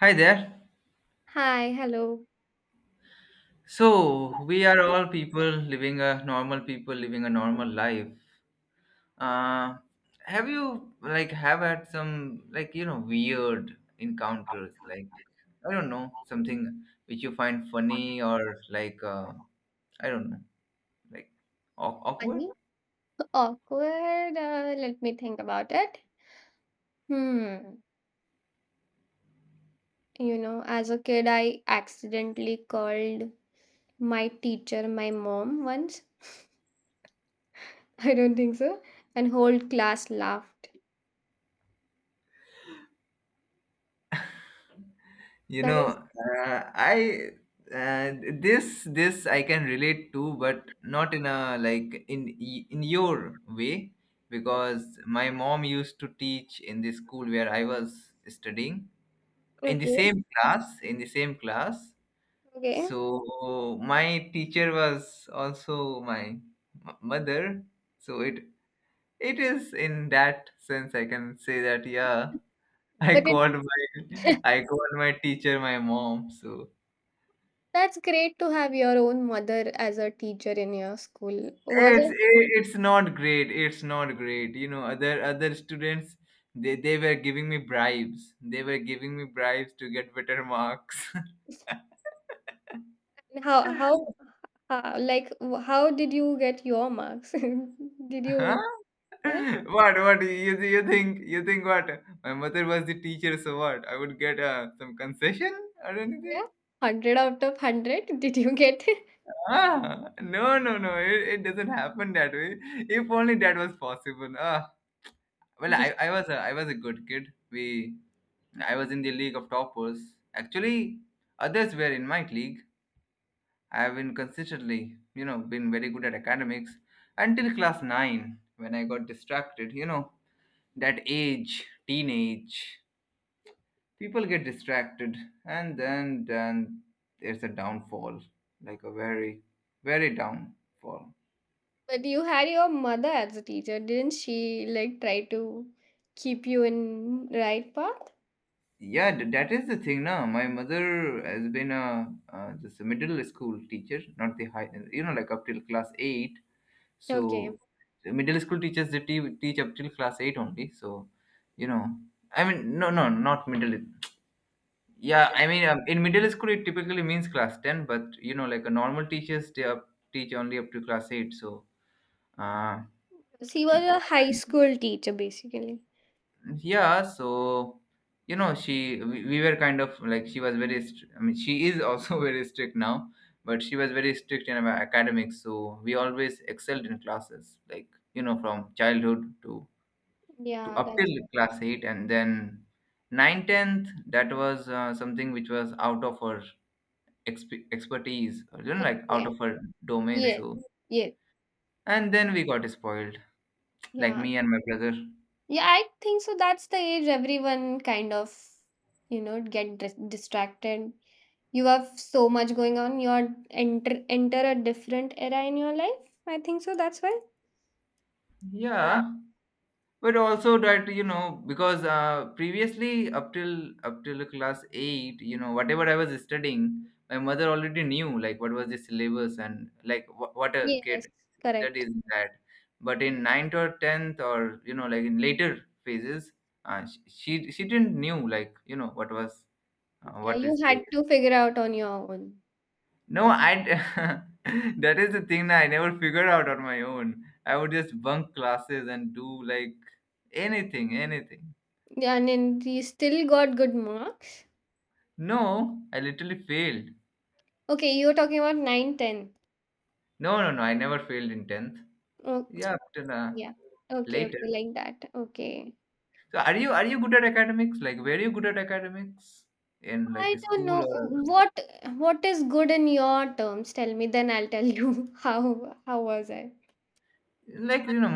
Hi there. Hi, hello. So, we are all people living a normal life. Uh, have you like have had some, like, you know, weird encounters, like, I don't know, something which you find funny or like, I don't know, like, awkward? Are awkward? Let me think about it. Hmm. You know, as a kid, I accidentally called my teacher my mom once. I don't think so. And whole class laughed. You That is know, I uh, this I can relate to, but not in a, like, in in your way, because my mom used to teach in the school where I was studying, okay. In the same class. Okay. So my teacher was also my mother. So it is in that sense I can say that, yeah, But it I called my teacher my mom. So that's great to have your own mother as a teacher in your school. Was it's it, it- it's not great, you know, other students, they were giving me bribes to get better marks. and how, like how did you get your marks? Did Huh? you? Huh? What? You think, what? My mother was the teacher, so what, I would get some concession or Yeah, anything? 100 out of 100. Did you get it? Ah, no, no, no, it doesn't happen that way. If only that was possible. Ah. Well, I was a good kid. We I was in the league of toppers. Actually, others were in my league. I have been consistently, you know, been very good at academics until class 9 when I got distracted. You know, that age, teenage, people get distracted, and then there's a downfall, like a very, very downfall. But you had your mother as a teacher, didn't she? Like, try to keep you in right path. Yeah, that is the thing. Now my mother has been a just a middle school teacher, not the high, you know, like up till class 8. Okay, So the middle school teachers, they teach up till class 8 only, so, you know, I mean, no, no, not middle. Yeah, I mean, in middle school it typically means class 10, but, you know, like a normal teachers, they teach only up to class 8. So uh, she was a high school teacher, basically. yeah, so, you know, she, we were kind of like she was very I mean, she is also very strict now, but she was very strict in our academics, so we always excelled in classes, like, you know, from childhood to Yeah, up that's till class 8, and then 9, 10th, that was something which was out of her expertise, or, you know, like, out okay. of her domain. Yeah, So, yeah, and then we got spoiled, like yeah, me and my brother. yeah. I think so. That's the age everyone kind of, get distracted. You have so much going on. You are enter a different era in your life. I think so. That's why. Yeah, but also that, you know, because previously up till class 8, you know, whatever I was studying, my mother already knew, like, what was the syllabus, and like, what a Yes, kid correct. studies, that. But in ninth or 10th, or, you know, like, in later phases, she didn't knew, like, you know, what was, Yeah, what you is the... had to figure out on your own. no I d- That is the thing, that I never figured out on my own. I would just bunk classes and do, like, anything. Yeah, and then you still got good marks. No, I literally failed. Okay, you were talking about 9, 10. No, no, no, I never failed in 10th. Oh, Yeah, after yeah. Okay, okay, later. like that. Okay. So, are you good at academics? Like, were you good at academics in, I like, don't school, know or, what what is good in your terms. Tell me, then I'll tell you how was I. like, you know,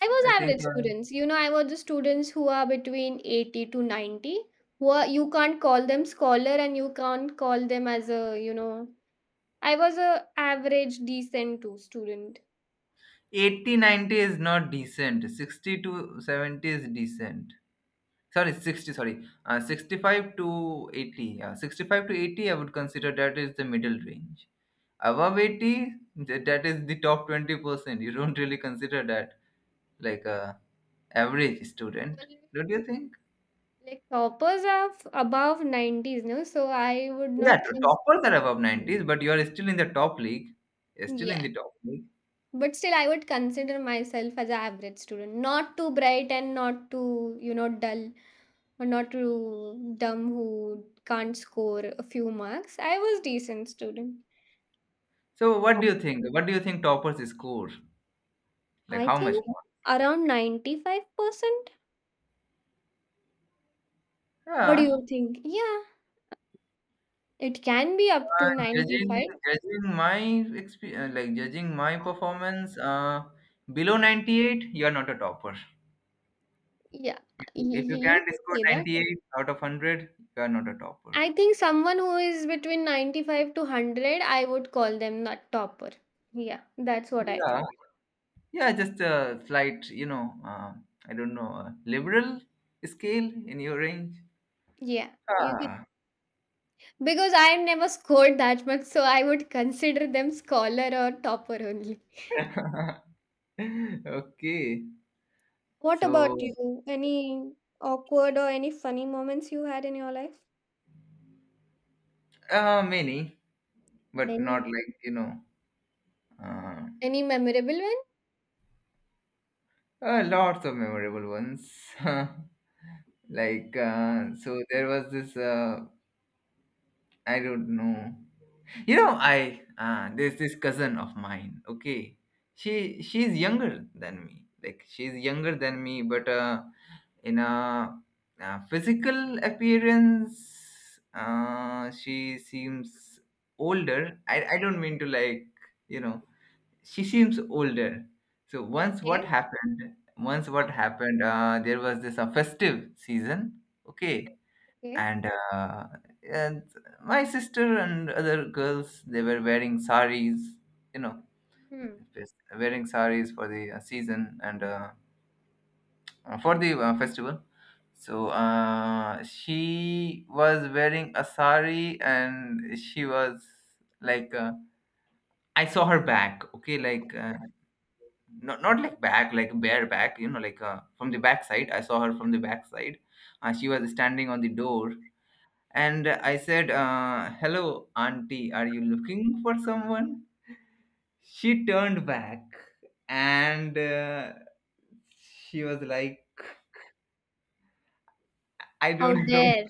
I I was think average students. You know, I was the students who are between 80 to 90. Who are, you can't call them scholar, and you can't call them as a, I was a average decent two student. 80, 90 is not decent. 60 to 70 is decent. Sorry, 60. Sorry, 65 to 80. Yeah, 65 to 80, I would consider that is the middle range. Above 80, that is the top 20%, you don't really consider that like a average student, Always, don't you think? like, toppers are above 90s, no? So I would Yeah, not toppers are above 90s, but you are still in the top league. You're still in yeah. the top league But still I would consider myself as an average student. Not too bright and not too, dull, or not too dumb who can't score a few marks. I was decent student. so what do you think, toppers score, like, I how much think more? around 95%. What do Yeah, you think? Yeah, it can be up to uh, judging 95. judging my experience, like, judging my performance, below 98 you are not a topper. Yeah, If you, you can't can score say that. 98 out of 100, you are not a topper. I think someone who is between 95 to 100, I would call them not topper. Yeah, that's what I think. Yeah. Yeah, just a slight, you know, I don't know, liberal scale in your range. Yeah. You can, Ah. because I never scored that much, so I would consider them scholar or topper only. Okay. What about So, you? Any awkward or any funny moments you had in your life? Many, but not, Many. like, you know, uh, Any memorable one? Lots of memorable ones. Like, so there was this, I don't know. You know, there's this cousin of mine, okay? She's younger than me. Like, she's younger than me, but, in a, physical appearance, she seems older. I don't mean to, like, you know, she seems older. So once what Okay. happened there was this a festive season, okay. Okay. And uh, and my sister and other girls, they were wearing saris, you know, Hmm. wearing saris for the season, and, for the festival. So she was wearing a sari, and she was like, I saw her back. Okay, like, not like back, like bare back. You know, like, from the back side. I saw her from the back side. She was standing on the door, and I said, "Hello, auntie. Are you looking for someone?" She turned back, and, she was like, "I How don't know." dare?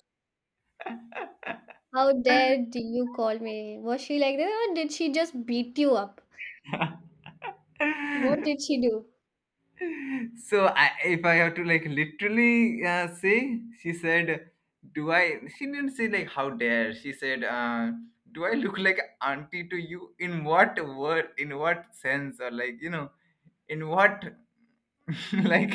How dare do you call me? Was she like that, or did she just beat you up? What did she do? So if I have to, like, literally, say, she said, "Do I?" She didn't say, like, how dare. She said, "Do I look like auntie to you? In what word? In what sense? Or, like, you know, in what like,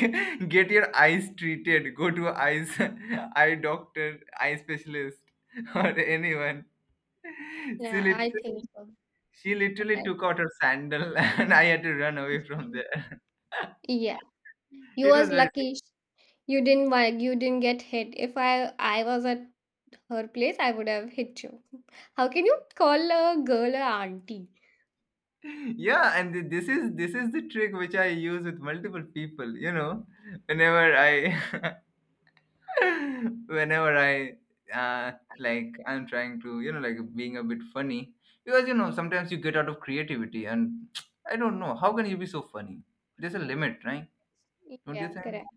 get your eyes treated? Go to eyes eye doctor, eye specialist, or anyone." She Yeah, I literally think so. she literally I- took out her sandal, and I had to run away from there. yeah, you It was was very... lucky. You didn't get hit. If I was at her place, I would have hit you. How can you call a girl a auntie? Yeah, and this is the trick which I use with multiple people, you know, whenever I whenever I, uh, like, I'm trying to, you know, like, being a bit funny, because, you know, sometimes you get out of creativity, and I don't know how can you be so funny. There's a limit, right? Don't you Yeah, think? correct.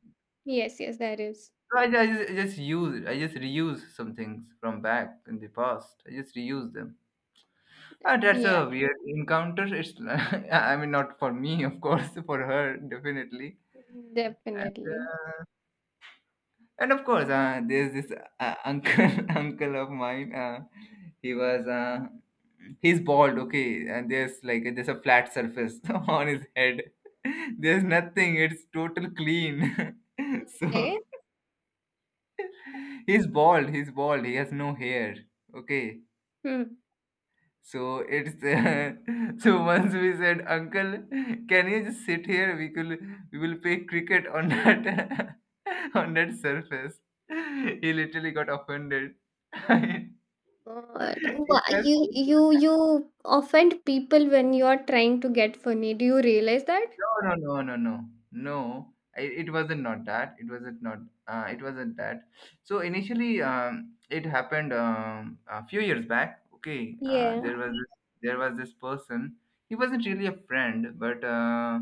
Yes, yes, that is. So I just use it, I just reuse some things from back in the past, I just reuse them. Ah, that's Yeah, a weird encounter. It's, I mean, not for me, of course, for her, definitely. And, definitely. uh, and of course, there's this uncle, uncle of mine. He was, uh, he's bald, okay, and there's, like, there's a flat surface on his head. There's nothing. It's total clean. Okay. So he's bald. He's bald. He has no hair. Okay, Hmm. so it's so once we said, "Uncle, can you just sit here? We could we will play cricket on that on that surface." He literally got offended. But It you was... you you offend people when you are trying to get funny. Do you realize that? No, no, no, no, no, no. It wasn't not that. It wasn't not. It wasn't that. So initially, it happened a few years back. Okay, Yeah, there was this, person. He wasn't really a friend, but.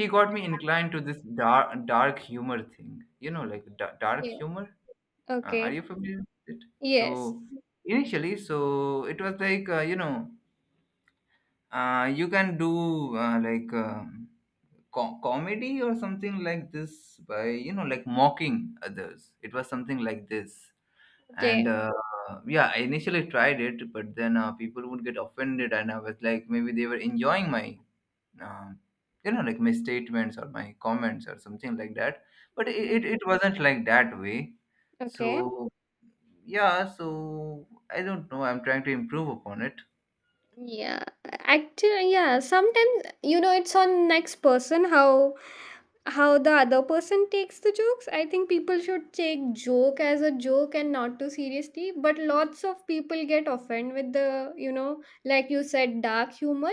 He got me inclined to this dark humor thing. You know, like, dark yeah. humor. Are Okay. you familiar with it? So Yes. initially, so it was like, you know, you can do, like, comedy or something like this, by, you know, like, mocking others. It was something like this, and, Okay, yeah, I initially tried it, but then, people would get offended, and I was like, maybe they were enjoying my, um, you know, like, my statements or my comments or something like that, but it, okay. it, it wasn't like that way. Okay. So, yeah, so, I don't know, I'm trying to improve upon it. Yeah, actually, yeah, sometimes, it's on next person, how the other person takes the jokes. I think people should take joke as a joke and not too seriously, but lots of people get offended with the, like you said, dark humor.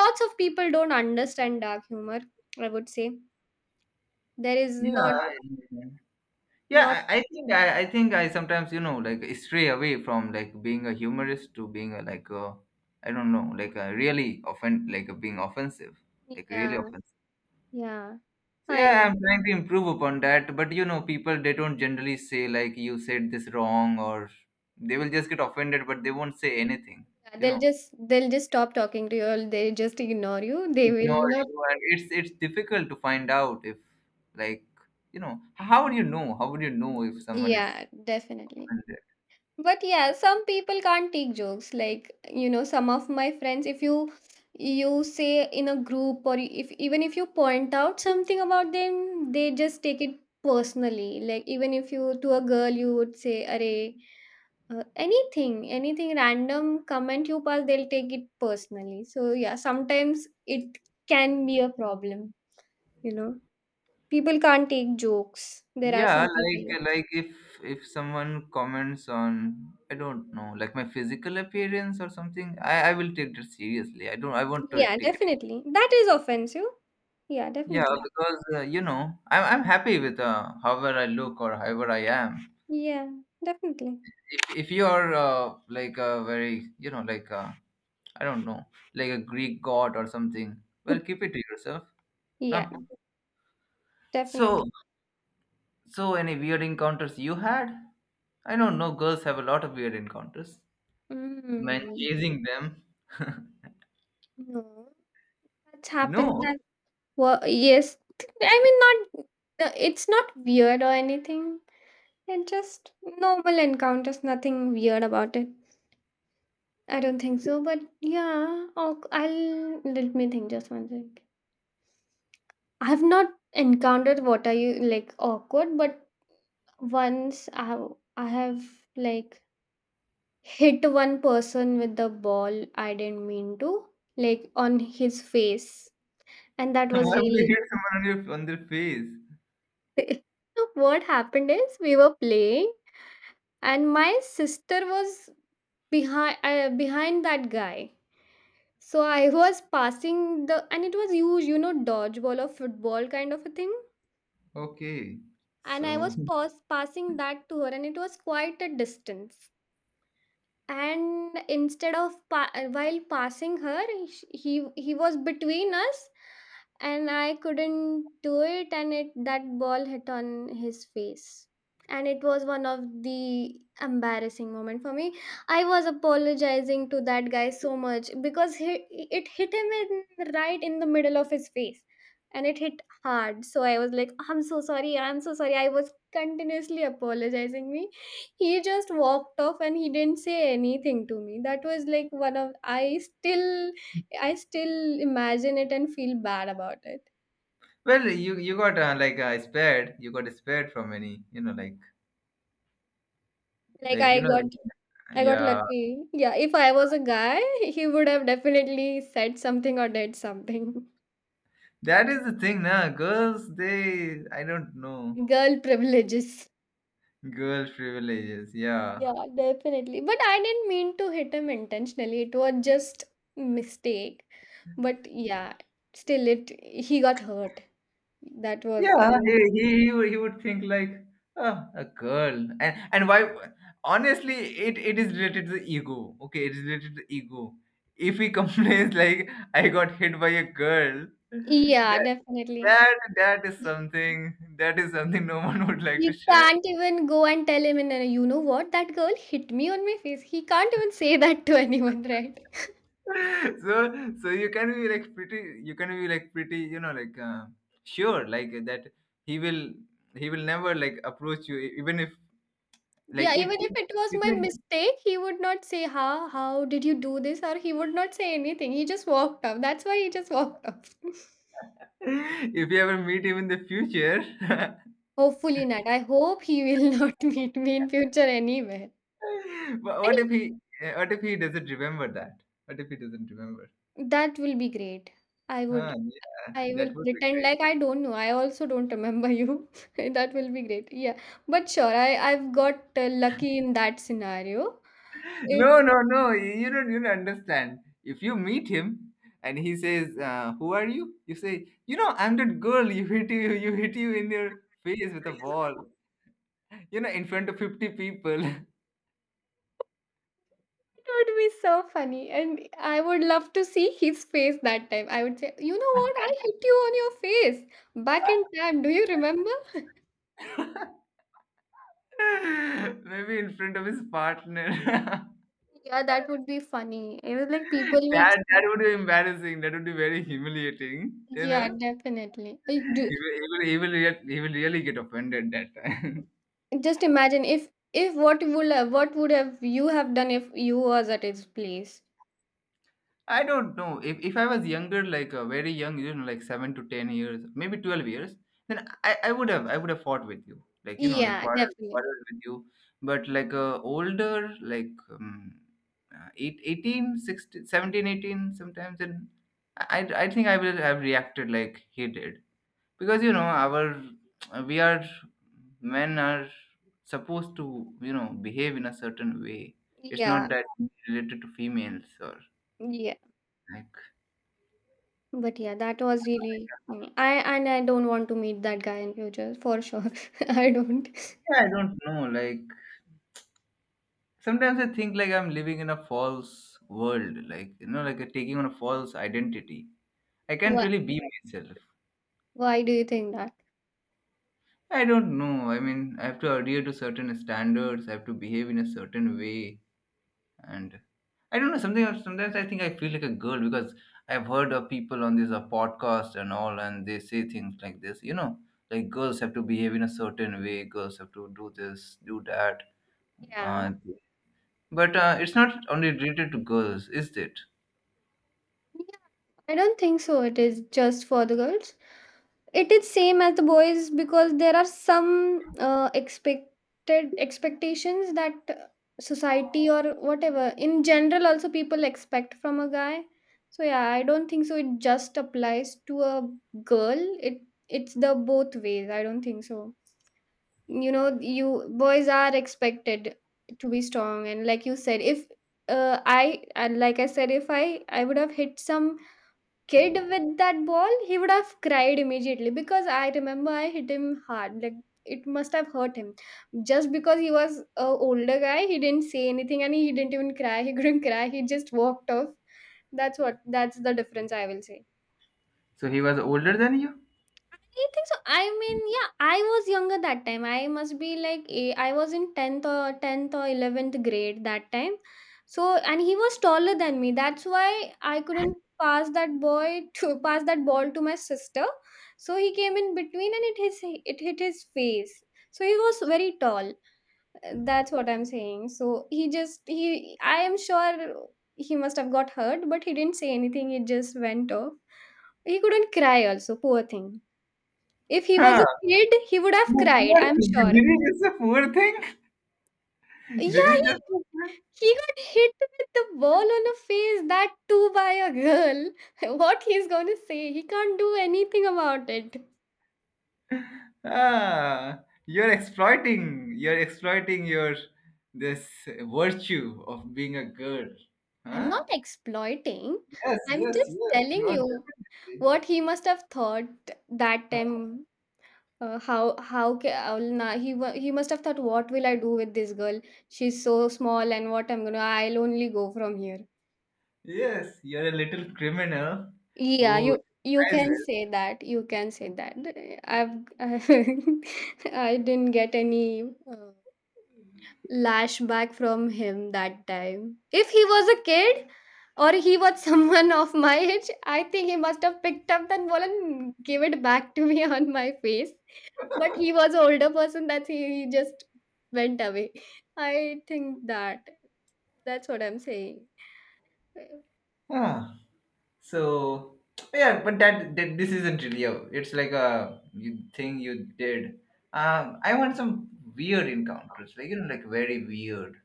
Lots of people don't understand dark humor, I would say. There is Yeah, not. yeah, I think I sometimes, you know, like, stray away from, like, being a humorist to being a, like, a, I don't know, like, a being offensive, like, really Yeah, offensive. yeah. So yeah, Fine. I'm trying to improve upon that. But, you know, people, they don't generally say, like, you said this wrong, or they will just get offended, but they won't say anything. Yeah, You they'll know, just they'll just stop talking to you, or they just ignore you. They will ignore not. you, and it's difficult to find out if, like, you know, how would you know? How would you know if someone is Yeah, definitely. offended? But yeah, some people can't take jokes. Like, you know, some of my friends, if you say in a group or if even if you point out something about them, they just take it personally. Like, even if you, to a girl, you would say, "Arey, anything random comment you pass, they'll take it personally." So yeah, sometimes it can be a problem, you know. People can't take jokes. There are Yeah, some like people. like if someone comments on, I don't know, like, my physical appearance or something, I will take that seriously. I won't to Yeah, take... definitely. That is offensive. Yeah, Yeah, definitely. because, you know, I'm happy with, however I look or however I am. Yeah, definitely. If you are, like, a very, you know, like, I don't know, like, a Greek god or something, well, keep it to yourself. No. Yeah, So, definitely. Any weird encounters you had? I don't know. No, girls have a lot of weird encounters. Men Mm. chasing them. No, that's happened. No. That, well, yes. I mean, not. It's not weird or anything. It just normal encounters. Nothing weird about it. I don't think so. But yeah, I'll let me think just one second. I've not encountered what are you like awkward, but once I have, like, hit one person with the ball. I didn't mean to, like, on his face, and that was Why would you really hit someone on your on their face? So what happened is we were playing, and my sister was behind that guy. So I was passing the, and it was huge, dodgeball or football kind of a thing. Okay. And I So. was passing that to her, and it was quite a distance. And instead of while passing her, he was between us, and I couldn't do it. And it that ball hit on his face. And it was one of the embarrassing moment for me. I was apologizing to that guy so much because it hit him in right in the middle of his face. And it hit hard, so I was like, I'm so sorry, I'm so sorry. I was continuously apologizing me. He just walked off, and he didn't say anything to me. That was like one of I still imagine it and feel bad about it. Well, you got, like, spared. You got spared from any, you know, Like, like i you know, got i got yeah. lucky. Yeah, if I was a guy, he would have definitely said something or did something. That is the thing, now. Girls, they I don't know. Girl privileges. Girl privileges, yeah, Yeah, definitely. But I didn't mean to hit him intentionally. It was just mistake. But yeah, still it he got hurt. That was I yeah. He was, he he would, he would think like, oh, a girl, and why? Honestly, it is related to the ego. Okay, it is related to the ego. If he complains like I got hit by a girl, yeah, that definitely. that that is something, no one would like to He share. can't even go and tell him, and you know what, that girl hit me on my face. He can't even say that to anyone, right? so so you can be like pretty, you know, like sure, like that he will he will never like approach you, e- even if, like Yeah, even if it was if, my you- mistake, he would not say, How did you do this? Or he would not say anything. He just walked off. That's why he just walked off. if you ever meet him in the future. Hopefully not. I hope he will not meet me in future anywhere. But And what if he, what if he doesn't remember that what if he doesn't remember? that will be great. I Huh, would yeah, I that will would be pretend great. like I don't know. I also don't remember you. That will be great. Yeah. But sure, I've got lucky in that scenario. It, No, no, no. You, you don't understand. If you meet him and he says, "Who are you?" You say, "You know, I'm that girl. You hit you. You hit you in your face with a ball. You know, in front of 50 people. it would be so funny. And I would love to see his face that time. I would say, you know what? I hit you on your face back in time. Do you remember? Maybe in front of his partner. Yeah, that would be funny. It was like people That that will. would be embarrassing. That would be very humiliating. You Yeah, know, definitely. He will, re- he will really get offended that time." Just imagine if what would have you have done if you was at his place. I don't know. If I was younger, like very young, you know, like 7 to 10 years, maybe 12 years, then I would have fought with you, like you know, like Yeah, quarrel definitely. quarrel with you. But like older, like 18, 16, 17, 18, sometimes, and I think I will have reacted like he did, because you know our, we are, men are supposed to, you know, behave in a certain way. It's Yeah, not that related to females, or yeah. like But yeah, that was really funny. I and I don't want to meet that guy in future for sure. I don't. I don't know. Like sometimes I think like I'm living in a false world. Like you know, like taking on a false identity. I can't Why? really be myself. Why do you think that? I don't know. I mean, I have to adhere to certain standards. I have to behave in a certain way, and I don't know. Something, sometimes I think I feel like a girl because I've heard of people on this podcast and all, and they say things like this. You know, like girls have to behave in a certain way. Girls have to do this, do that. Yeah. Uh, But it's not only related to girls, is it? Yeah, I don't think so. It is just for the girls. It is same as the boys, because there are some expected expectations that society or whatever in general also people expect from a guy. So yeah, I don't think so it just applies to a girl. It it's the both ways. I don't think so. You know, you, boys are expected to be strong, and like you said, if I and like I said, if I would have hit some kid with that ball, he would have cried immediately because I remember I hit him hard. Like, it must have hurt him. Just because he was a older guy, he didn't say anything, and he didn't even cry. He couldn't cry. He just walked off. That's what that's the difference I will say. So he was older than you? I think so. I mean, yeah, I was younger that time. I must be like I was in 10th or 10th or 11th grade that time. So, and he was taller than me. That's why I couldn't pass that boy to pass that ball to my sister. So he came in between, and it his it hit his face. So he was very tall. That's what I'm saying. So he I am sure he must have got hurt, but he didn't say anything. He just went off. He couldn't cry also. Poor thing. If he was Huh. a kid, he would have Oh, cried, poor I'm thing. Did sure. did he just say poor thing? Yeah, Did he just say poor- he got hit with the ball on the face, that too by a girl. What he's gonna say? He can't do anything about it. Ah, you're exploiting. You're exploiting your, this virtue of being a girl. I'm Huh? not exploiting. Yes, I'm yes, just yes. telling You are you definitely. what he must have thought that Huh? time. He must have thought, what will I do with this girl? She's so small, and what I'm gonna, I'll only go from here. Yes, you're a little criminal, Yeah, who you can disguises. say that. You can say that. I've I didn't get any lashback from him that time. If he was a kid, or he was someone of my age, I think he must have picked up that ball and gave it back to me on my face. But he was an older person that he just went away. I think that that's what I'm saying. Huh. So yeah, but that, that this isn't real. It's like a you thing you did. I want some weird encounters, like you know, like very weird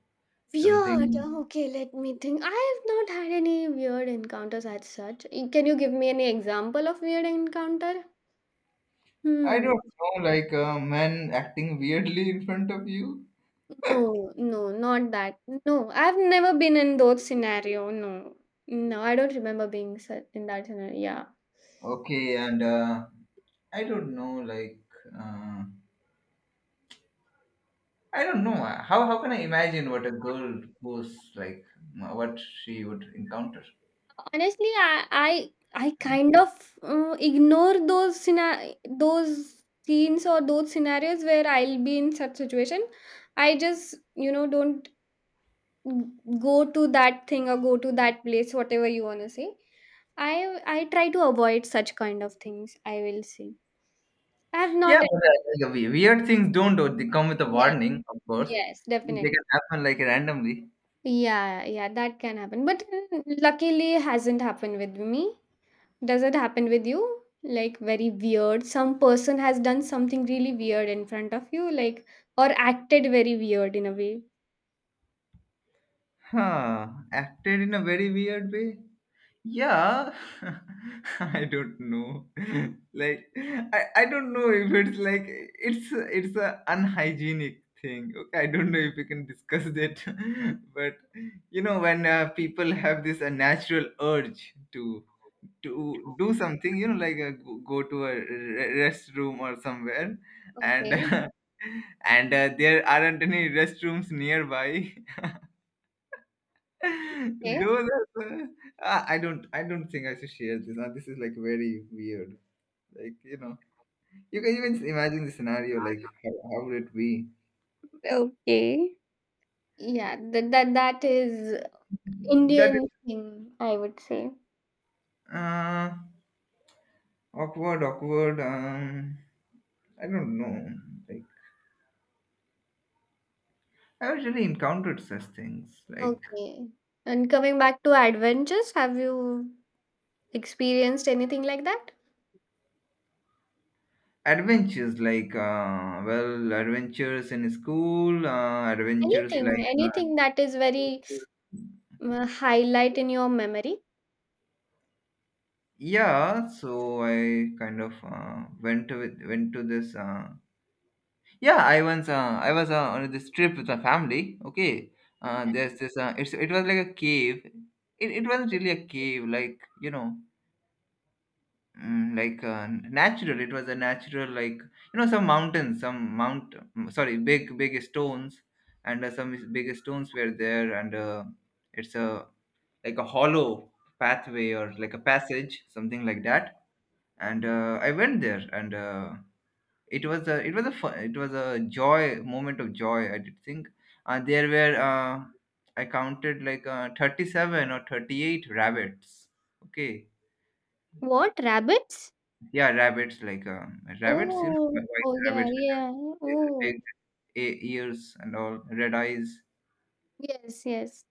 Weird. something. Okay, let me think. I have not had any weird encounters as such. Can you give me any example of weird encounter? I Hmm. don't know, like a man acting weirdly in front of you. No, no, not that. No, I've never been in those scenario. No, no, I don't remember being in that scenario. Yeah, Okay, and I don't know, like uh, I don't know how can I imagine what a girl goes like, what she would encounter. honestly, I kind of ignore those those scenes or those scenarios where I'll be in such situation. I just, you know, don't go to that thing or go to that place whatever you want to say. I i try to avoid such kind of things, I will say. I have Yeah, not. but like, we- weird things don't do- they come with a Yeah, warning, of course. yes, definitely. They can happen like randomly. Yeah, yeah, that can happen, but luckily it hasn't happened with me. Does it happen with you? Like, very weird, some person has done something really weird in front of you, like, or acted very weird in a way. Huh. Acted in a very weird way. Yeah. I don't know, like I don't know if it's like, it's a unhygienic thing. Okay, I don't know if we can discuss that. But you know when people have this natural urge to do something, you know, like go to a re- restroom or somewhere, and Okay, and there aren't any restrooms nearby. okay, Those are the, ah, I don't think I should share this. Now this is like very weird. Like you know, you can even imagine the scenario. Like how would it be? okay, yeah, that is That is Indian thing, I would say. uh, awkward, awkward. I don't know. Like I usually encountered such things like Okay. And coming back to adventures, have you experienced anything like that? adventures, like well, adventures in school, adventures Anything, like anything that is very uh, highlight in your memory? yeah, so I kind of went to this. Yeah, I once I was on this trip with my family. Okay, there's this. It's it was like a cave. It wasn't really a cave, like you know, like natural. It was a natural, like you know, some mountains, some mount. Sorry, big big stones, and some big stones were there, and it's a like a hollow pathway or like a passage, something like that. And I went there, and it was a, it was a fun, it was a joy, moment of joy. I did think there were I counted like 37 or 38 rabbits. Okay, What, rabbits? yeah, rabbits, like rabbits, you know, Oh, white oh yeah, rabbits, yeah. Oh, big e- ears and all, red eyes. yes, yes.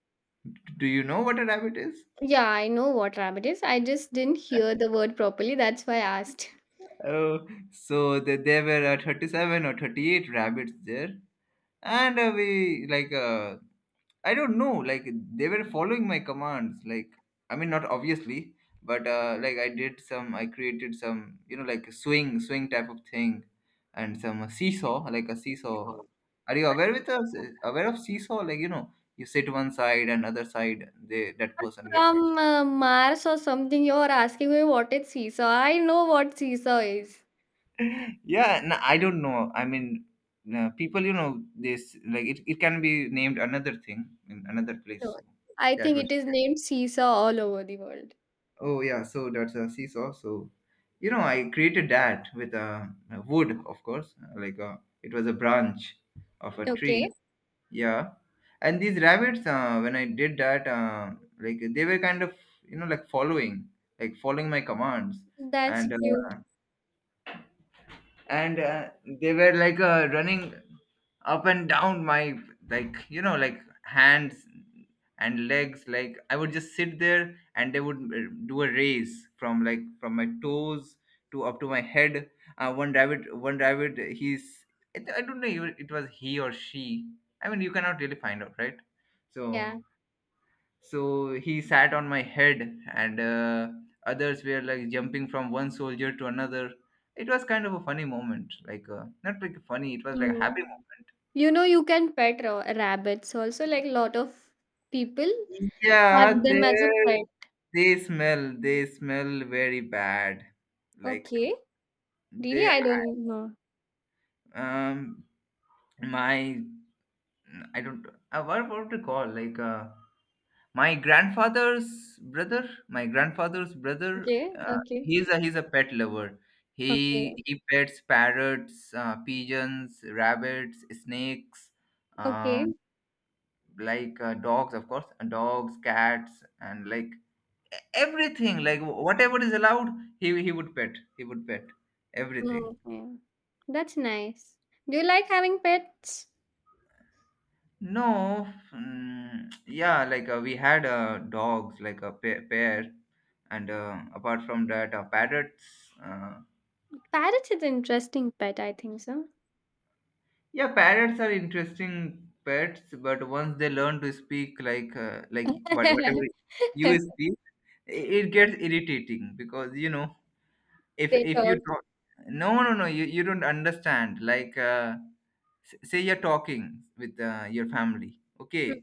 Do you know what a rabbit is? Yeah, I know what rabbit is. I just didn't hear the word properly. That's why I asked. Oh, so there were 37 or 38 rabbits there, and we like I don't know. Like they were following my commands. Like I mean, not obviously, but like I did some. I created some. You know, like a swing, swing type of thing, and some seesaw, like a seesaw. Are you aware with us? Aware of seesaw? Like you know, you sit one side and other side. They, that But person gets. from Mars or something, you're asking me what is seesaw. I know what seesaw is. Yeah, no, I don't know. I mean, people. You know, this like it. It can be named another thing in another place. No, So I that. think it is named Seesaw all over the world. Oh yeah, so that's a seesaw. So, you know, I created that with a wood, of course, like a, it was a branch of a Okay. tree. Yeah, and these rabbits, when I did that, like they were kind of, you know, like following my commands, That's and cute. uh, and they were like running up and down my, like you know, like hands and legs. Like I would just sit there and they would do a race from like from my toes to up to my head. One rabbit, he's, I don't know if it was he or she. I mean, you cannot really find out, right? So Yeah. so he sat on my head, and others were like jumping from one soldier to another. It was kind of a funny moment, like not like funny, it was like a happy Mm. You know, you can pet rabbits also. Like, a lot of people moment. have Yeah, them as a pet. they smell, they smell very bad. Like Okay. Really, they, I don't know. um my, I don't what to call, like uh, my grandfather's brother, my grandfather's brother, Okay. Okay. he's a, he's a pet lover. He Okay. he pets parrots, pigeons, rabbits, snakes, um, Okay. like dogs, of course, and dogs, cats, and like e- everything, like whatever is allowed, he would pet. He would pet everything. Mm, yeah. That's nice. Do you like having pets? No, mm, yeah, like we had dogs, like a pair, pair, and apart from that, parrots. Uh, Parrot is an interesting pet, I think so. Yeah, parrots are interesting pets, but once they learn to speak like what whatever you speak, I- it gets irritating, because you know They if you talk. talk, no no no, you don't understand. Like s- say you're talking with your family, okay,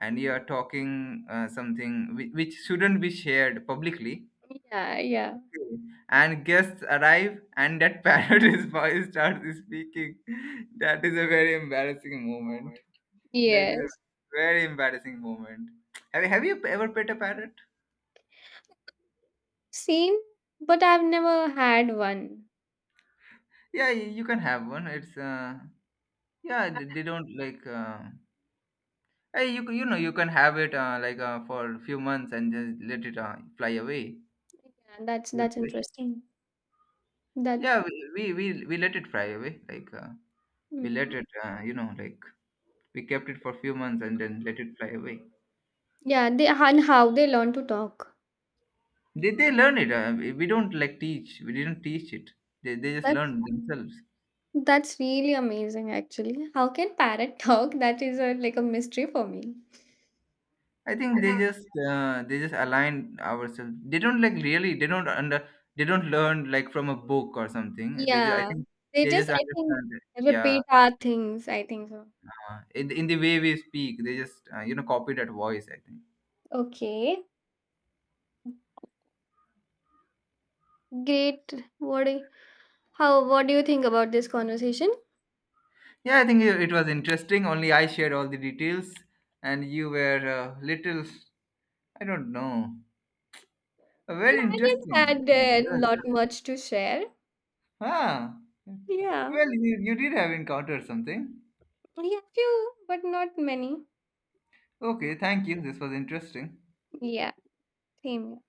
and you are talking something which shouldn't be shared publicly. Yeah, yeah. Okay. And guests arrive, and that parrot is voice starts speaking. That is a very embarrassing moment. That is a Yes. very embarrassing moment. Have you ever pet a parrot? Same, but I've never had one. Yeah, y- you can have one. It's yeah, they don't like. Hey, you c- you know you can have it like for a few months and just let it fly away. Yeah, that's Good that's fish. interesting. That Yeah, we we let it fly away. Like we let mm, it you know, like we kept it for a few months and then let it fly away. yeah, they and how they learn to talk. They learn it. We don't like teach. We didn't teach it. They just That's learn themselves. that's really amazing actually. How can parrot talk? That is a like a mystery for me. I think they just align ourselves. They don't like really. They don't under. They don't learn like from a book or something. They just. I Yeah. think They they just just I think understand it. Yeah, repeat our things, I think so. In the way we speak, they just you know, copy that voice. I think. Okay. Great. What do you- what do you think about this conversation? Yeah, I think it was interesting. Only I shared all the details, and you were little. I don't know. Well, Very I interesting. didn't had a lot Yeah. much to share. Ah, Yeah. well, you did have encountered something. Yeah, few, but not many. Okay, thank you. This was interesting. Yeah. Same here.